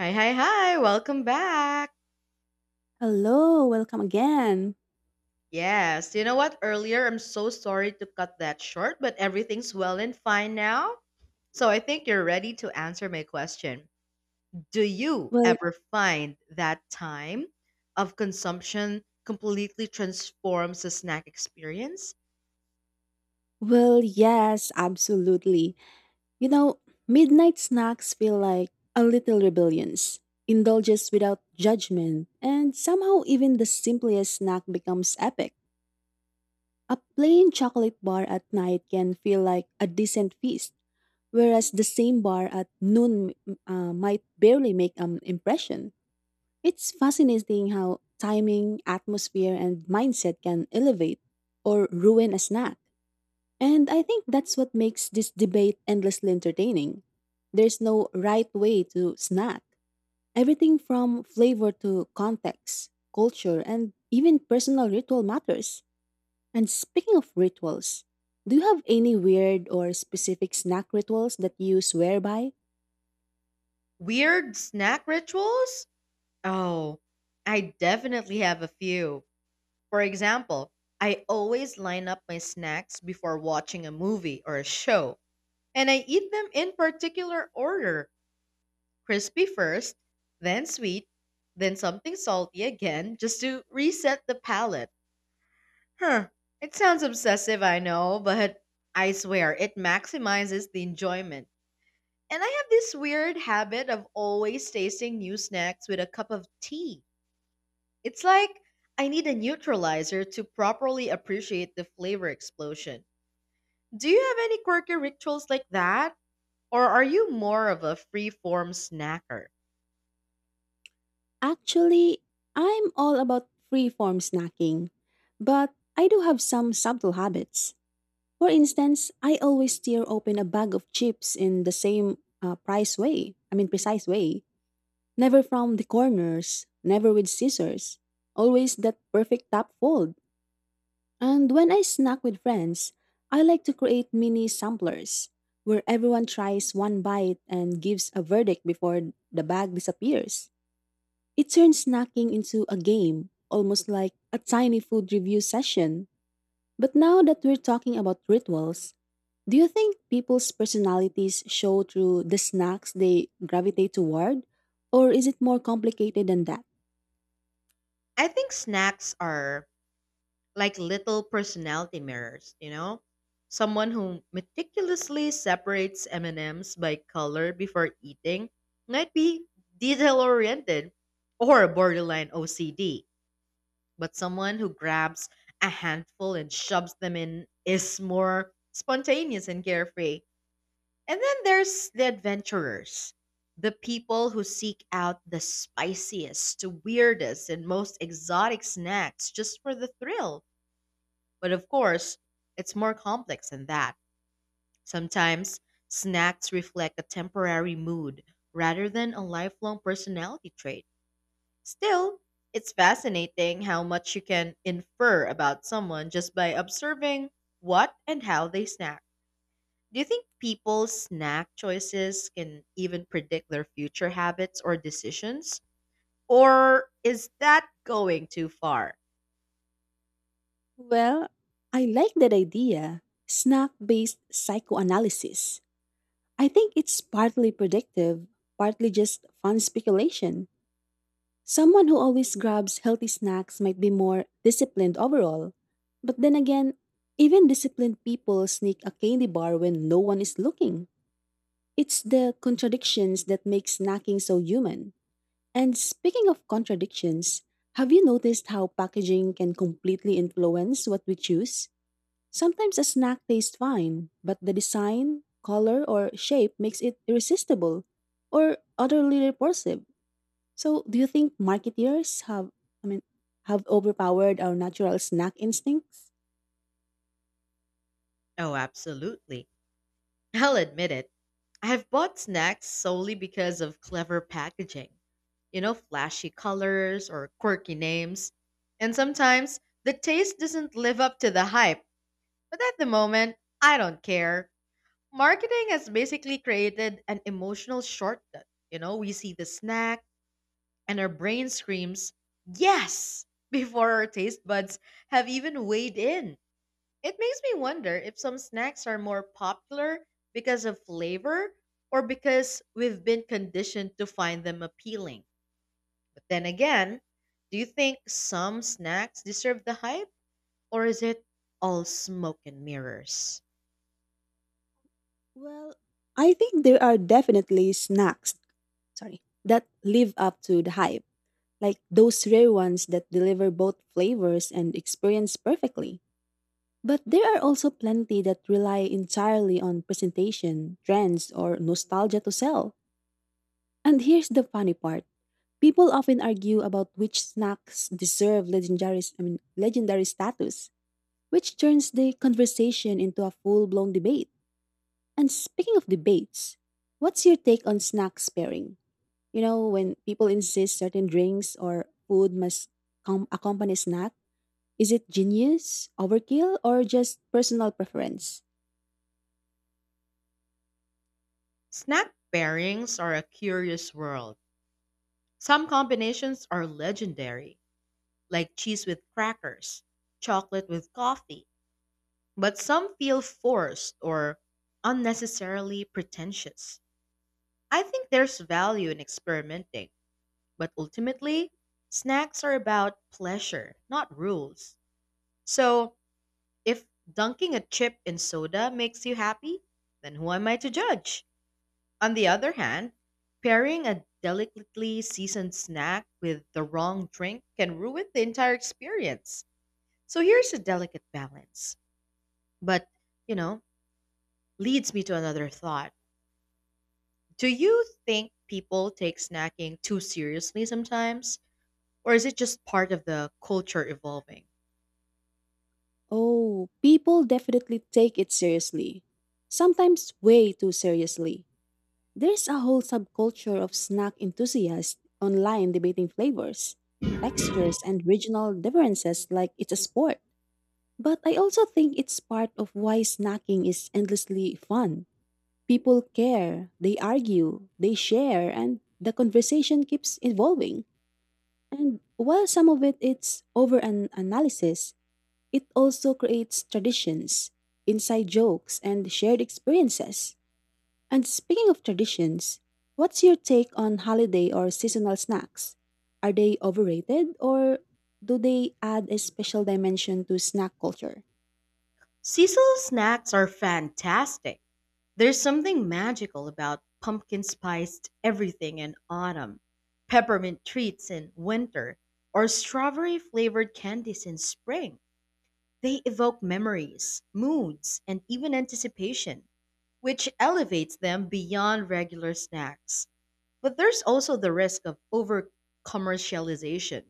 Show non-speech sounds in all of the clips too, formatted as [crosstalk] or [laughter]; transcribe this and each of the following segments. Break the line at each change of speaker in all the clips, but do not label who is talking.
Hi, hi, hi. Welcome back.
Hello, welcome again.
Yes, you know what? Earlier, I'm so sorry to cut that short, but everything's well and fine now. So I think you're ready to answer my question. Do you
Well,
ever find that time of consumption completely transforms the snack experience?
well, yes, absolutely. You know, midnight snacks feel like a little rebellions, indulges without judgment, and somehow even the simplest snack becomes epic. A plain chocolate bar at night can feel like a decent feast, whereas the same bar at noon might barely make an impression. It's fascinating how timing, atmosphere, and mindset can elevate or ruin a snack. And I think that's what makes this debate endlessly entertaining. There's no right way to snack. Everything from flavor to context, culture, and even personal ritual matters. And speaking of rituals, do you have any weird or specific snack rituals that you swear by?
Weird snack rituals? Oh, I definitely have a few. For example, I always line up my snacks before watching a movie or a show and I eat them in particular order, crispy first, then sweet, then something salty again, just to reset the palate. Huh, it sounds obsessive, I know, but I swear it maximizes the enjoyment. And I have this weird habit of always tasting new snacks with a cup of tea. It's like I need a neutralizer to properly appreciate the flavor explosion. Do you have any quirky rituals like that? Or are you more of a free-form snacker?
Actually, I'm all about free form snacking, but I do have some subtle habits. For instance, I always tear open a bag of chips in the same price way. I mean, precise way. Never from the corners, never with scissors. Always that perfect top fold. And when I snack with friends, I like to create mini samplers where everyone tries one bite and gives a verdict before the bag disappears. It turns snacking into a game, almost like a tiny food review session. But now that we're talking about rituals, do you think people's personalities show through the snacks they gravitate toward? Or is it more complicated than that?
I think snacks are like little personality mirrors, you know? Someone who meticulously separates M&Ms by color before eating might be detail-oriented or borderline OCD, but someone who grabs a handful and shoves them in is more spontaneous and carefree. And then there's the adventurers, the people who seek out the spiciest, weirdest, and most exotic snacks just for the thrill. But of course, it's more complex than that. Sometimes snacks reflect a temporary mood rather than a lifelong personality trait. Still, it's fascinating how much you can infer about someone just by observing what and how they snack. Do you think people's snack choices can even predict their future habits or decisions? Or is that going too far?
Well, I like that idea snack based psychoanalysis. I think it's partly predictive, partly just fun speculation. Someone who always grabs healthy snacks might be more disciplined overall. But then again, even disciplined people sneak a candy bar when no one is looking. It's the contradictions that make snacking so human. And speaking of contradictions, have you noticed how packaging can completely influence what we choose? Sometimes a snack tastes fine, but the design, color, or shape makes it irresistible or utterly repulsive. So, do you think marketeers I mean, have overpowered our natural snack instincts?
Oh, absolutely. [laughs] I'll admit it. I have bought snacks solely because of clever packaging. You know, flashy colors or quirky names. And sometimes the taste doesn't live up to the hype. But at the moment, I don't care. Marketing has basically created an emotional shortcut. You know, we see the snack and our brain screams, yes, [laughs] before our taste buds have even weighed in. It makes me wonder if some snacks are more popular because of flavor or because we've been conditioned to find them appealing. But then again, do you think some snacks deserve the hype, or is it all smoke and mirrors?
Well, I think there are definitely snacks that live up to the hype like those rare ones that deliver both flavors and experience perfectly. But there are also plenty that rely entirely on presentation, trends, or nostalgia to sell. And here's the funny part. People often argue about which snacks deserve legendary status, which turns the conversation into a full-blown debate. And speaking of debates, what's your take on snack pairing? You know, when people insist certain drinks or food must accompany snack, is it genius, overkill, or just personal preference?
Snack pairings are a curious world. Some combinations are legendary, like cheese with crackers, chocolate with coffee, but some feel forced or unnecessarily pretentious. I think there's value in experimenting, but ultimately, snacks are about pleasure, not rules. So, if dunking a chip in soda makes you happy, then who am I to judge? On the other hand, pairing a delicately seasoned snack with the wrong drink can ruin the entire experience. So here's a delicate balance, but you know, leads me to another thought. Do you think people take snacking too seriously sometimes? Or is it just part of the culture evolving?
Oh, people definitely take it seriously. Sometimes way too seriously. There's a whole subculture of snack enthusiasts online debating flavors, textures, and regional differences like it's a sport. But I also think it's part of why snacking is endlessly fun. People care, they argue, they share, and the conversation keeps evolving. And while some of it's over an analysis, it also creates traditions, inside jokes, and shared experiences. And speaking of traditions, what's your take on holiday or seasonal snacks? Are they overrated or do they add a special dimension to snack culture?
Seasonal snacks are fantastic. There's something magical about pumpkin spiced everything in autumn, peppermint treats in winter, or strawberry flavored candies in spring. They evoke memories, moods, and even anticipation, which elevates them beyond regular snacks. But there's also the risk of over commercialization,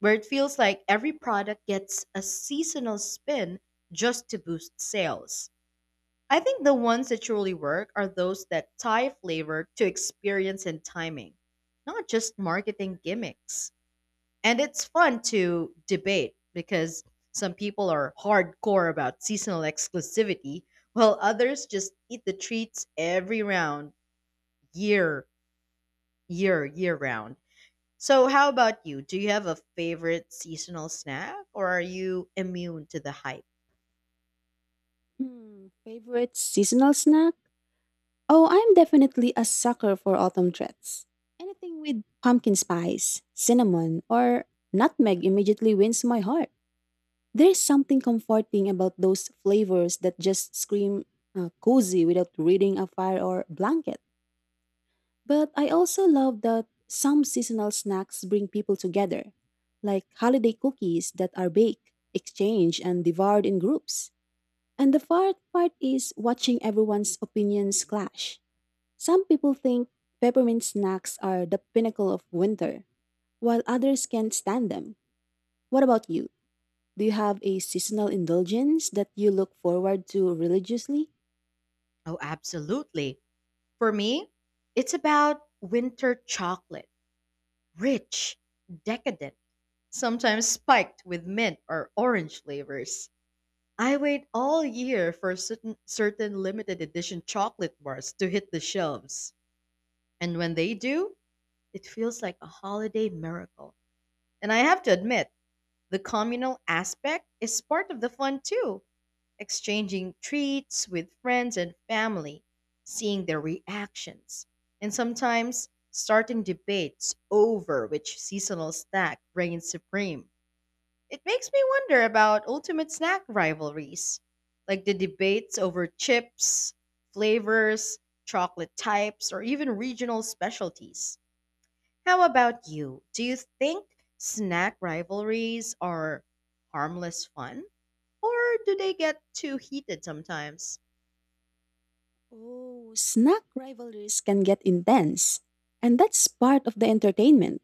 where it feels like every product gets a seasonal spin just to boost sales. I think the ones that truly work are those that tie flavor to experience and timing, not just marketing gimmicks. And it's fun to debate because some people are hardcore about seasonal exclusivity, while others just eat the treats every round, year, year round. So, how about you? Do you have a favorite seasonal snack or are you immune to the hype?
Hmm, favorite seasonal snack? Oh, I'm definitely a sucker for autumn treats. Anything with pumpkin spice, cinnamon, or nutmeg immediately wins my heart. There's something comforting about those flavors that just scream cozy without reading a fire or blanket. But I also love that some seasonal snacks bring people together, like holiday cookies that are baked, exchanged, and devoured in groups. And the fun part is watching everyone's opinions clash. Some people think peppermint snacks are the pinnacle of winter, while others can't stand them. What about you? Do you have a seasonal indulgence that you look forward to religiously?
Oh, absolutely. For me, it's about winter chocolate, rich, decadent, sometimes spiked with mint or orange flavors. I wait all year for certain limited edition chocolate bars to hit the shelves. And when they do, it feels like a holiday miracle. And I have to admit, the communal aspect is part of the fun too. Exchanging treats with friends and family, seeing their reactions, and sometimes starting debates over which seasonal snack reigns supreme. It makes me wonder about ultimate snack rivalries, like the debates over chips, flavors, chocolate types, or even regional specialties. How about you? Do you think snack rivalries are harmless fun, or do they get too heated sometimes?
Oh, snack rivalries can get intense. And that's part of the entertainment.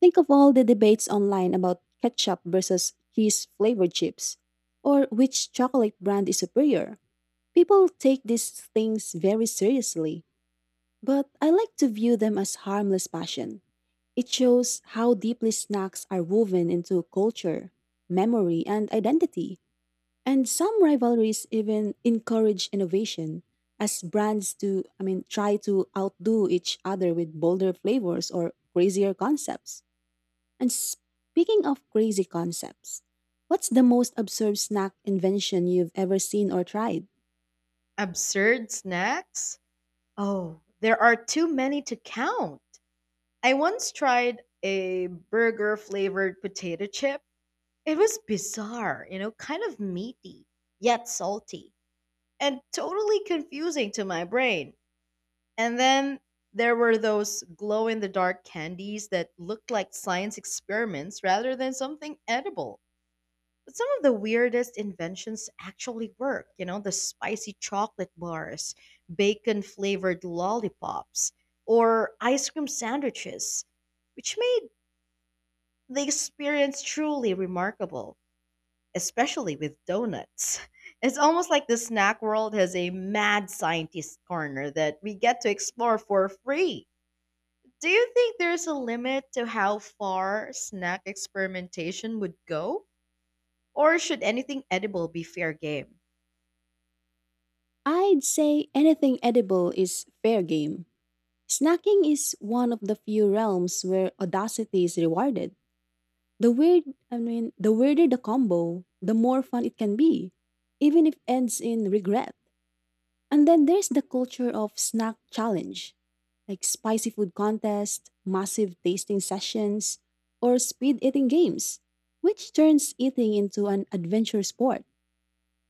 Think of all the debates online about ketchup versus cheese flavored chips, or which chocolate brand is superior. People take these things very seriously. But I like to view them as harmless passion. It shows how deeply snacks are woven into culture, memory, and identity. And some rivalries even encourage innovation as brands to, I mean, try to outdo each other with bolder flavors or crazier concepts. And speaking of crazy concepts, what's the most absurd snack invention you've ever seen or tried?
Absurd snacks? Oh, there are too many to count. I once tried a burger flavored potato chip. It was bizarre, you know, kind of meaty, yet salty, and totally confusing to my brain. And then there were those glow in the dark candies that looked like science experiments rather than something edible. But some of the weirdest inventions actually work, you know, the spicy chocolate bars, bacon flavored lollipops, or ice cream sandwiches, which made the experience truly remarkable, especially with donuts. [laughs] It's almost like the snack world has a mad scientist corner that we get to explore for free. Do you think there's a limit to how far snack experimentation would go? Or should anything edible be fair game?
I'd say anything edible is fair game. Snacking is one of the few realms where audacity is rewarded. The weird, the weirder the combo, the more fun it can be, even if ends in regret. And then there's the culture of snack challenge, like spicy food contest, massive tasting sessions, or speed eating games, which turns eating into an adventure sport.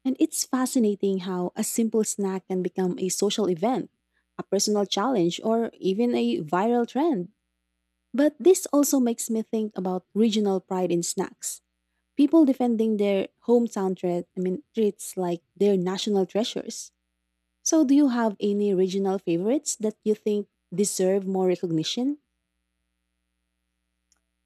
And it's fascinating how a simple snack can become a social event, a personal challenge, or even a viral trend. But this also makes me think about regional pride in snacks. People defending their hometown treats like their national treasures. So, do you have any regional favorites that you think deserve more recognition?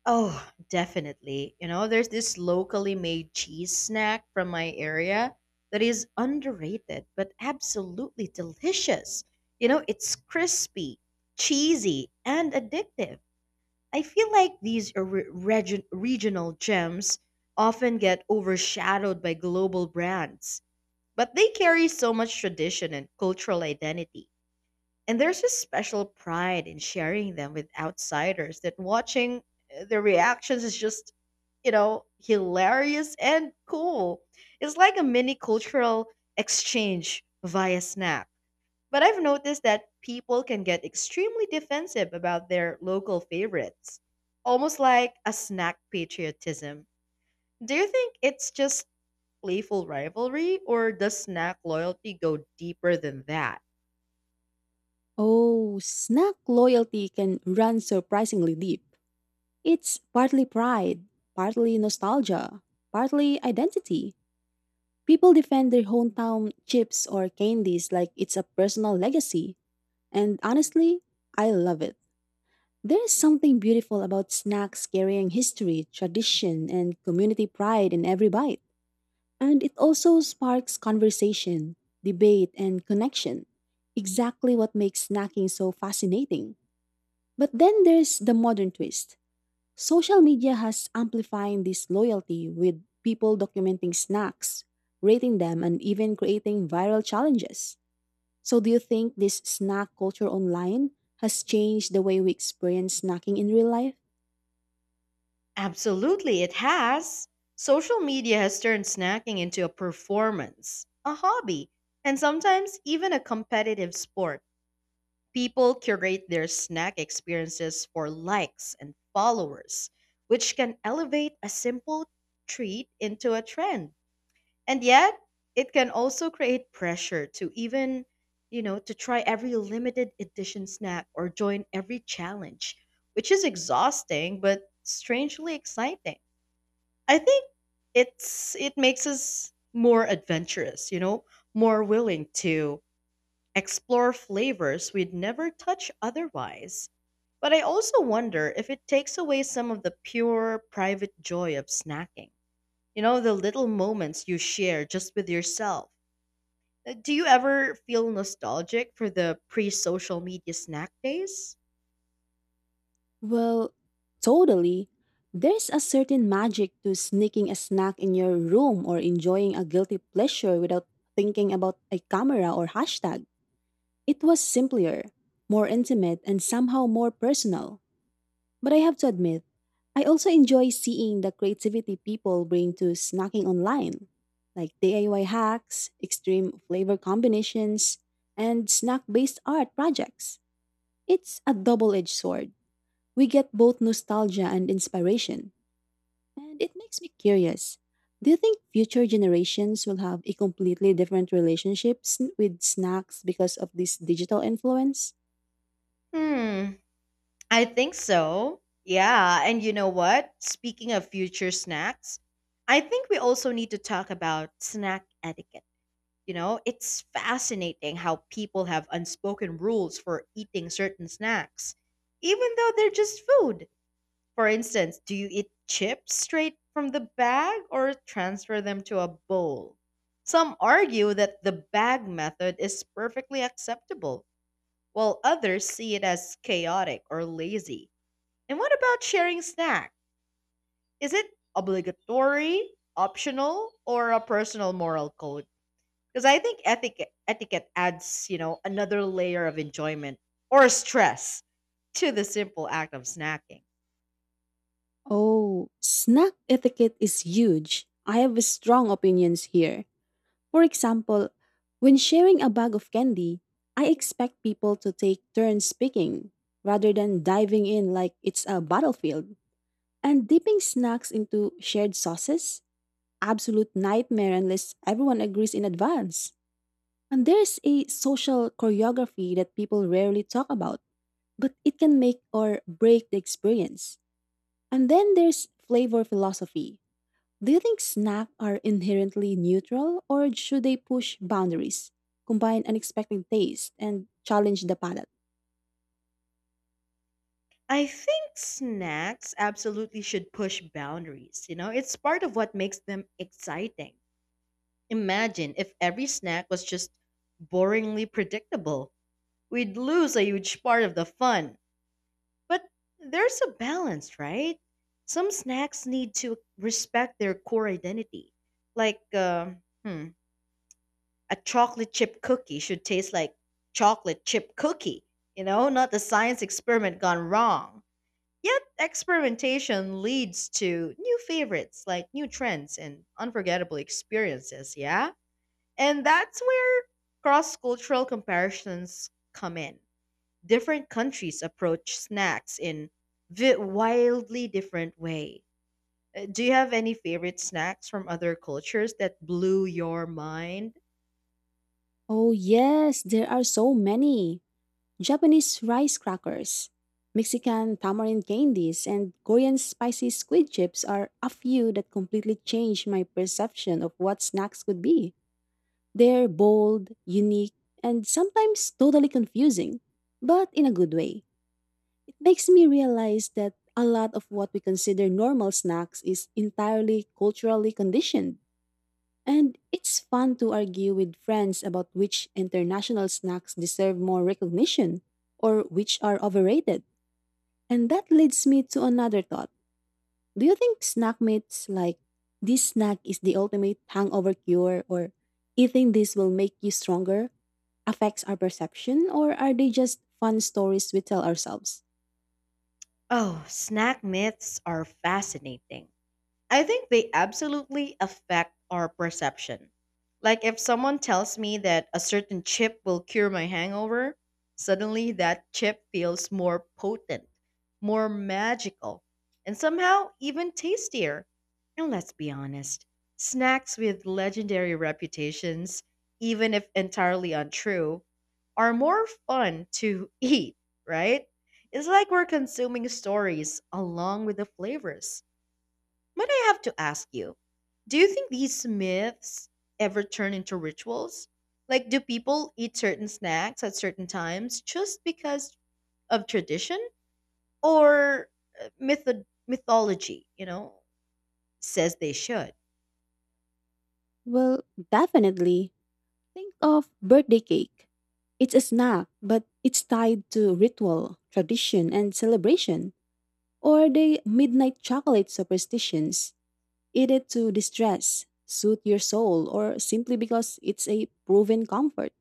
Oh, definitely. You know, there's this locally made cheese snack from my area that is underrated but absolutely delicious. You know, it's crispy, cheesy, and addictive. I feel like these are regional gems, often get overshadowed by global brands, but they carry so much tradition and cultural identity. And there's a special pride in sharing them with outsiders, that watching their reactions is just, you know, hilarious and cool. It's like a mini cultural exchange via snack. But I've noticed that people can get extremely defensive about their local favorites, almost like a snack patriotism. Do you think it's just playful rivalry, or does snack loyalty go deeper than that?
Oh, snack loyalty can run surprisingly deep. It's partly pride, partly nostalgia, partly identity. People defend their hometown chips or candies like it's a personal legacy. And honestly, I love it. There is something beautiful about snacks carrying history, tradition, and community pride in every bite. And it also sparks conversation, debate, and connection. Exactly what makes snacking so fascinating. But then there's the modern twist. Social media has amplifying this loyalty with people documenting snacks, rating them, and even creating viral challenges. So, do you think this snack culture online has changed the way we experience snacking in real life?
Absolutely, it has. Social media has turned snacking into a performance, a hobby, and sometimes even a competitive sport. People curate their snack experiences for likes and followers, which can elevate a simple treat into a trend. And yet, it can also create pressure to even, you know, to try every limited edition snack or join every challenge, which is exhausting but strangely exciting. I think it makes us more adventurous, you know, more willing to explore flavors we'd never touch otherwise. But I also wonder if it takes away some of the pure, private joy of snacking. You know, the little moments you share just with yourself. Do you ever feel nostalgic for the pre social media snack days?
Well, totally. There's a certain magic to sneaking a snack in your room or enjoying a guilty pleasure without thinking about a camera or hashtag. It was simpler, more intimate, and somehow more personal. But I have to admit, I also enjoy seeing the creativity people bring to snacking online, like DIY hacks, extreme flavor combinations, and snack based art projects. It's a double edged sword. We get both nostalgia and inspiration, and it makes me curious. Do you think future generations will have a completely different relationships with snacks because of this digital influence?
Hmm, I think so. Yeah, and you know what? Speaking of future snacks, I think we also need to talk about snack etiquette. You know, it's fascinating how people have unspoken rules for eating certain snacks, even though they're just food. For instance, do you eat chips straight from the bag or transfer them to a bowl? Some argue that the bag method is perfectly acceptable, while others see it as chaotic or lazy. And what about sharing snack? Is it obligatory, optional, or a personal moral code? Because I think etiquette adds, you know, another layer of enjoyment or stress to the simple act of snacking.
Oh, snack etiquette is huge. I have strong opinions here. For example, when sharing a bag of candy, I expect people to take turns picking rather than diving in like it's a battlefield. And dipping snacks into shared sauces? Absolute nightmare unless everyone agrees in advance. And there's a social choreography that people rarely talk about, but it can make or break the experience. And then there's flavor philosophy. Do you think snacks are inherently neutral or should they push boundaries, combine unexpected taste, and challenge the palate?
I think snacks absolutely should push boundaries, you know? It's part of what makes them exciting. Imagine if every snack was just boringly predictable. We'd lose a huge part of the fun. But there's a balance, right? Some snacks need to respect their core identity. Like uh, hmm, a chocolate chip cookie should taste like chocolate chip cookie, you know, not a science experiment gone wrong. Yet, experimentation leads to new favorites like new trends and unforgettable experiences, yeah? And that's where cross cultural comparisons come in. Different countries approach snacks in wildly different way. Do you have any favorite snacks from other cultures that blew your mind?
Oh, yes, there are so many. Japanese rice crackers, Mexican tamarind candies, and Korean spicy squid chips are a few that completely changed my perception of what snacks could be. They're bold, unique, and sometimes totally confusing, but in a good way. It makes me realize that a lot of what we consider normal snacks is entirely culturally conditioned. And it's fun to argue with friends about which international snacks deserve more recognition or which are overrated. And that leads me to another thought. Do you think snack mates like this snack is the ultimate hangover cure or eating this will make you stronger affects our perception or are they just fun stories we tell ourselves?
Oh, snack myths are fascinating. I think they absolutely affect our perception. Like if someone tells me that a certain chip will cure my hangover, suddenly that chip feels more potent, more magical, and somehow even tastier. And let's be honest, snacks with legendary reputations, even if entirely untrue, are more fun to [laughs] eat, right? It's like we're consuming stories along with the flavors. Might I have to ask you, do you think these myths ever turn into rituals? Like, do people eat certain snacks at certain times just because of tradition or mythology, you know, says they should?
Well, definitely. Think of birthday cake. It's a snack, but it's tied to ritual, tradition, and celebration. Or the midnight chocolate superstitions eat it to distress, soothe your soul, or simply because it's a proven comfort.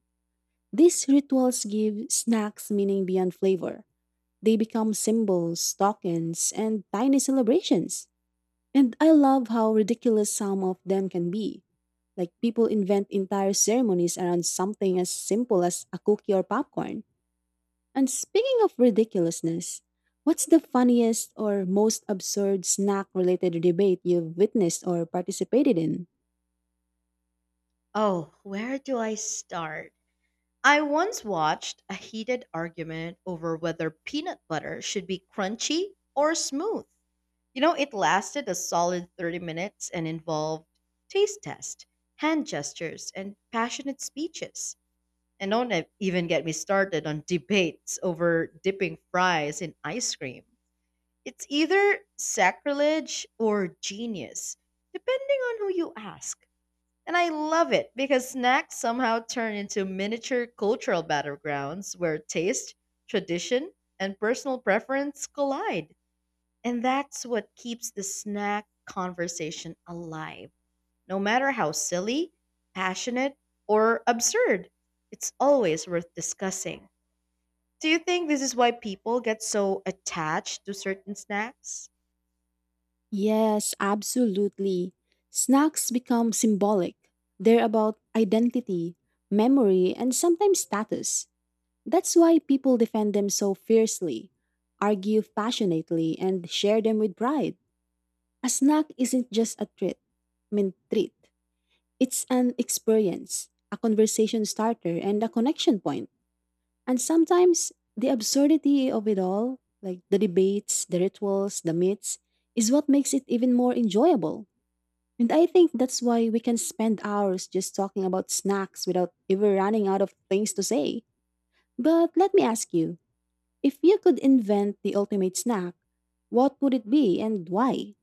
These rituals give snacks meaning beyond flavor. They become symbols, tokens, and tiny celebrations. And I love how ridiculous some of them can be. Like people invent entire ceremonies around something as simple as a cookie or popcorn. And speaking of ridiculousness, what's the funniest or most absurd snack related debate you've witnessed or participated in?
Oh, where do I start? I once watched a heated argument over whether peanut butter should be crunchy or smooth. You know, it lasted a solid 30 minutes and involved taste test, hand gestures, and passionate speeches. And don't even get me started on debates over dipping fries in ice cream. It's either sacrilege or genius, depending on who you ask. And I love it because snacks somehow turn into miniature cultural battlegrounds where taste, tradition, and personal preference collide. And that's what keeps the snack conversation alive. No matter how silly, passionate, or absurd, it's always worth discussing. Do you think this is why people get so attached to certain snacks?
Yes, absolutely. Snacks become symbolic. They're about identity, memory, and sometimes status. That's why people defend them so fiercely, argue passionately, and share them with pride. A snack isn't just a treat. It's an experience, a conversation starter, and a connection point. And sometimes the absurdity of it all, like the debates, the rituals, the myths, is what makes it even more enjoyable. And I think that's why we can spend hours just talking about snacks without ever running out of things to say. But let me ask you, if you could invent the ultimate snack, what would it be and why?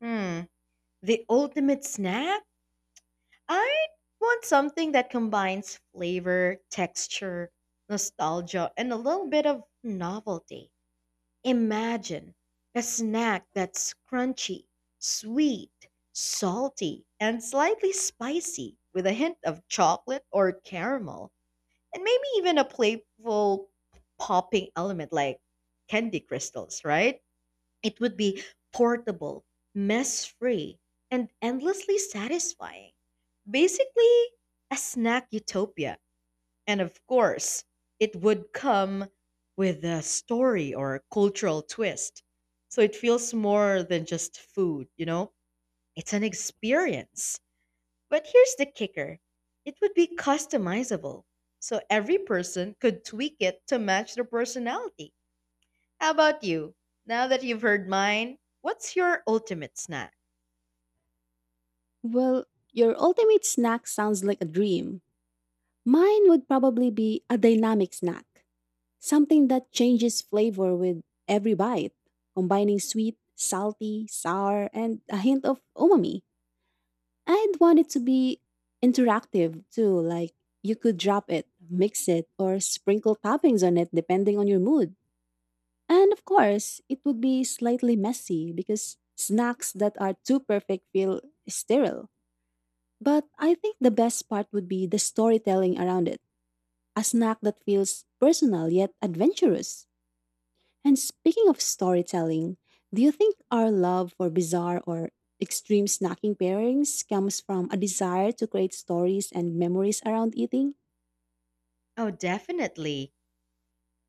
Hmm, the ultimate snack? I want something that combines flavor, texture, nostalgia, and a little bit of novelty. Imagine a snack that's crunchy, sweet, salty, and slightly spicy with a hint of chocolate or caramel, and maybe even a playful popping element like candy crystals, right? It would be portable, mess free, and endlessly satisfying. Basically, a snack utopia. And of course, it would come with a story or a cultural twist. So it feels more than just food, you know? It's an experience. But here's the kicker, it would be customizable. So every person could tweak it to match their personality. How about you? Now that you've heard mine, what's your ultimate snack?
Well, your ultimate snack sounds like a dream. Mine would probably be a dynamic snack, something that changes flavor with every bite, combining sweet, salty, sour, and a hint of umami. I'd want it to be interactive too, like you could drop it, mix it, or sprinkle toppings on it depending on your mood. And of course, it would be slightly messy because snacks that are too perfect feel sterile. But I think the best part would be the storytelling around it, a snack that feels personal yet adventurous. And speaking of storytelling, do you think our love for bizarre or extreme snacking pairings comes from a desire to create stories and memories around eating?
Oh, definitely.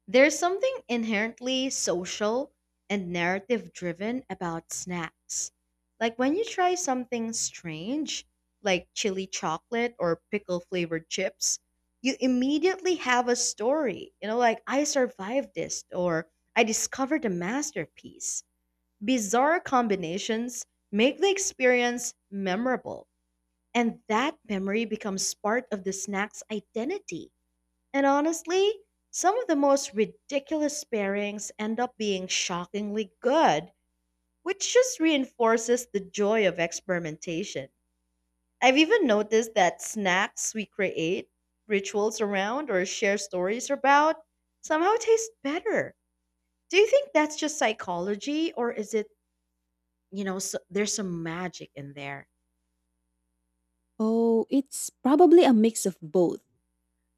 There's something inherently social and narrative driven about snacks. Like when you try something strange, like chili chocolate or pickle flavored chips, you immediately have a story. You know, like I survived this or I discovered a masterpiece. Bizarre combinations make the experience memorable, and that memory becomes part of the snack's identity. And honestly, some of the most ridiculous pairings end up being shockingly good, which just reinforces the joy of experimentation. I've even noticed that snacks we create, rituals around, or share stories about somehow taste better. Do you think that's just psychology, or is it, you know, there's some magic in there?
Oh, it's probably a mix of both.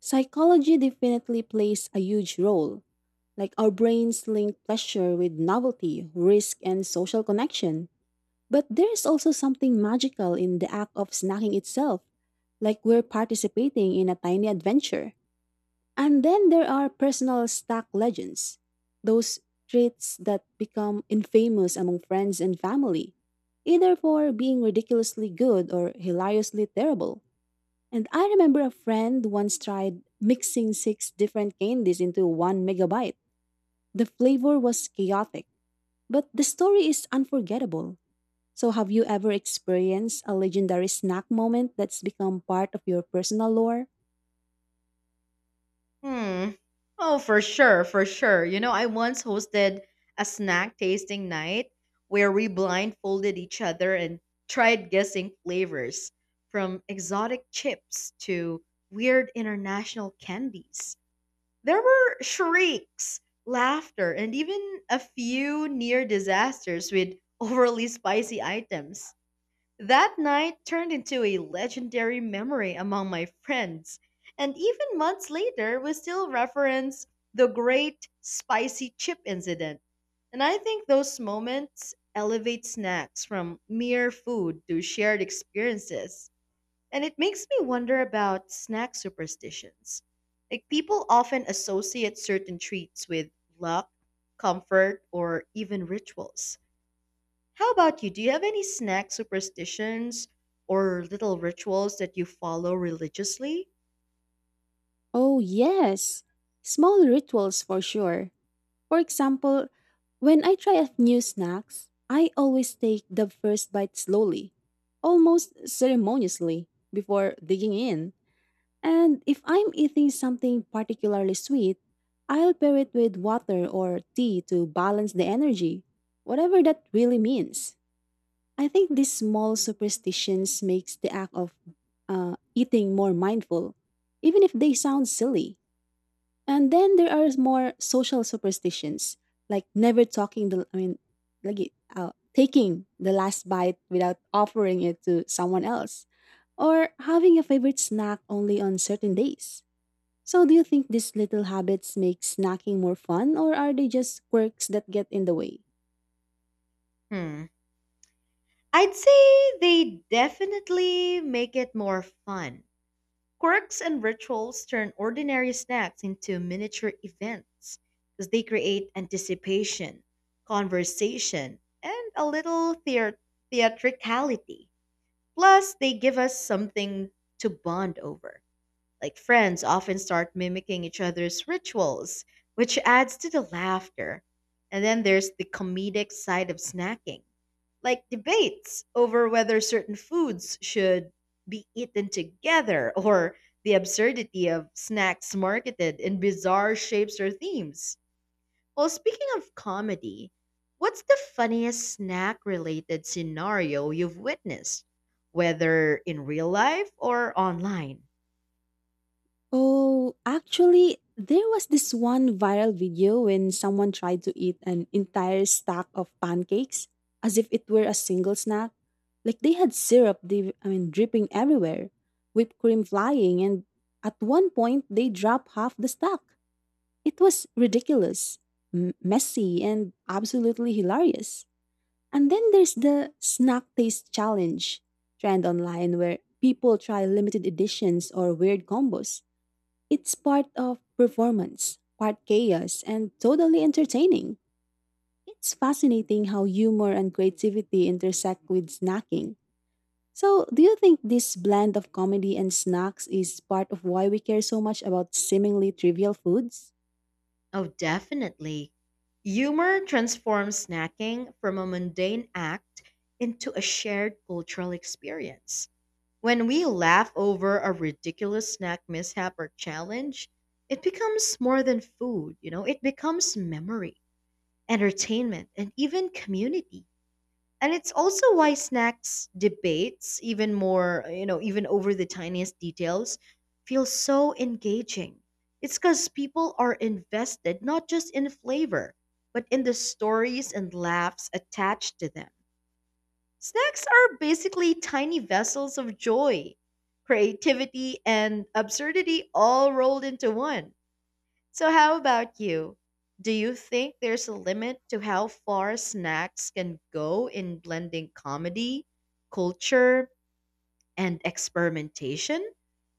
Psychology definitely plays a huge role. Like our brains link pleasure with novelty, risk, and social connection. But there is also something magical in the act of snacking itself, like we're participating in a tiny adventure. And then there are personal snack legends, those treats that become infamous among friends and family, either for being ridiculously good or hilariously terrible. And I remember a friend once tried mixing six different candies into one megabyte. The flavor was chaotic, but the story is unforgettable. So, have you ever experienced a legendary snack moment that's become part of your personal lore?
Hmm. Oh, for sure, for sure. You know, I once hosted a snack tasting night where we blindfolded each other and tried guessing flavors from exotic chips to weird international candies. There were shrieks, laughter, and even a few near disasters with overly spicy items. That night turned into a legendary memory among my friends, and even months later, we still reference the great spicy chip incident. And I think those moments elevate snacks from mere food to shared experiences. And it makes me wonder about snack superstitions. Like, people often associate certain treats with luck, comfort, or even rituals. How about you? Do you have any snack superstitions or little rituals that you follow religiously?
Oh, yes. Small rituals for sure. For example, when I try a new snacks, I always take the first bite slowly, almost ceremoniously, before digging in. And if I'm eating something particularly sweet, I'll pair it with water or tea to balance the energy, whatever that really means. I think these small superstitions makes the act of eating more mindful, even if they sound silly. And then there are more social superstitions, like never talking the like taking the last bite without offering it to someone else, or having a favorite snack only on certain days. So, do you think these little habits make snacking more fun, or are they just quirks that get in the way?
Hmm. I'd say they definitely make it more fun. Quirks and rituals turn ordinary snacks into miniature events because they create anticipation, conversation, and a little theatricality. Plus, they give us something to bond over. Like friends often start mimicking each other's rituals, which adds to the laughter. And then there's the comedic side of snacking, like debates over whether certain foods should be eaten together or the absurdity of snacks marketed in bizarre shapes or themes. Well, speaking of comedy, what's the funniest snack related scenario you've witnessed, whether in real life or online?
Oh, actually, there was this one viral video when someone tried to eat an entire stack of pancakes as if it were a single snack. Like they had syrup, dripping everywhere, whipped cream flying, and at one point they dropped half the stack. It was ridiculous, messy, and absolutely hilarious. And then there's the snack taste challenge trend online where people try limited editions or weird combos. It's part of performance, part chaos, and totally entertaining. It's fascinating how humor and creativity intersect with snacking. So, do you think this blend of comedy and snacks is part of why we care so much about seemingly trivial foods?
Oh, definitely. Humor transforms snacking from a mundane act into a shared cultural experience. When we laugh over a ridiculous snack mishap or challenge, it becomes more than food, you know, it becomes memory, entertainment, and even community. And it's also why snacks debates, even more, you know, even over the tiniest details, feel so engaging. It's because people are invested not just in flavor, but in the stories and laughs attached to them. Snacks are basically tiny vessels of joy, creativity, and absurdity all rolled into one. So, how about you? Do you think there's a limit to how far snacks can go in blending comedy, culture, and experimentation?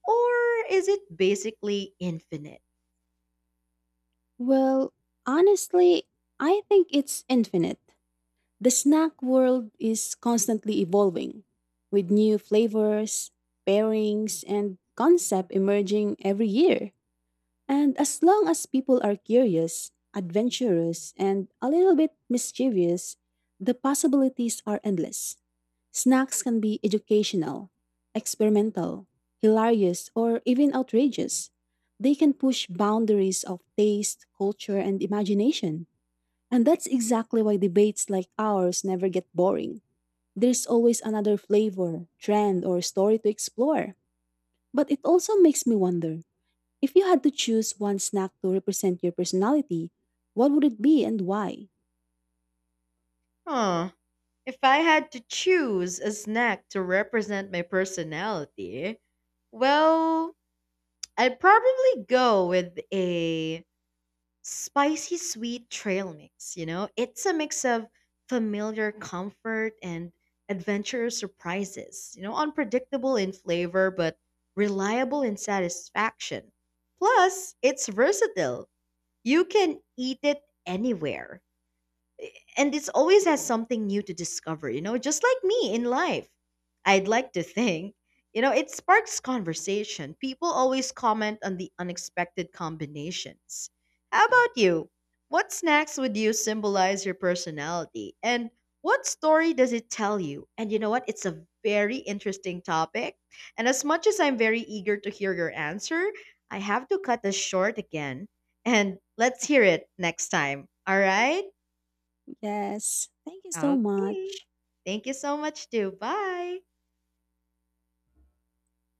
Or is it basically infinite?
Well, honestly, I think it's infinite. The snack world is constantly evolving, with new flavors, pairings, and concept emerging every year. And as long as people are curious, adventurous, and a little bit mischievous, the possibilities are endless. Snacks can be educational, experimental, hilarious, or even outrageous. They can push boundaries of taste, culture, and imagination. And that's exactly why debates like ours never get boring. There's always another flavor, trend, or story to explore. But it also makes me wonder, if you had to choose one snack to represent your personality, what would it be and why?
Huh. If I had to choose a snack to represent my personality, well, I'd probably go with a spicy sweet trail mix, you know? It's a mix of familiar comfort and adventurous surprises, you know, unpredictable in flavor but reliable in satisfaction. Plus, it's versatile. You can eat it anywhere and it's always has something new to discover, you know, just like me in life. I'd like to think, you know, it sparks conversation. People always comment on the unexpected combinations. How about you? What snacks would you symbolize your personality? And what story does it tell you? And you know what? It's a very interesting topic. And as much as I'm very eager to hear your answer, I have to cut this short again. And let's hear it next time. All right?
Yes, thank you so
Okay.
much.
Thank you so much too. Bye.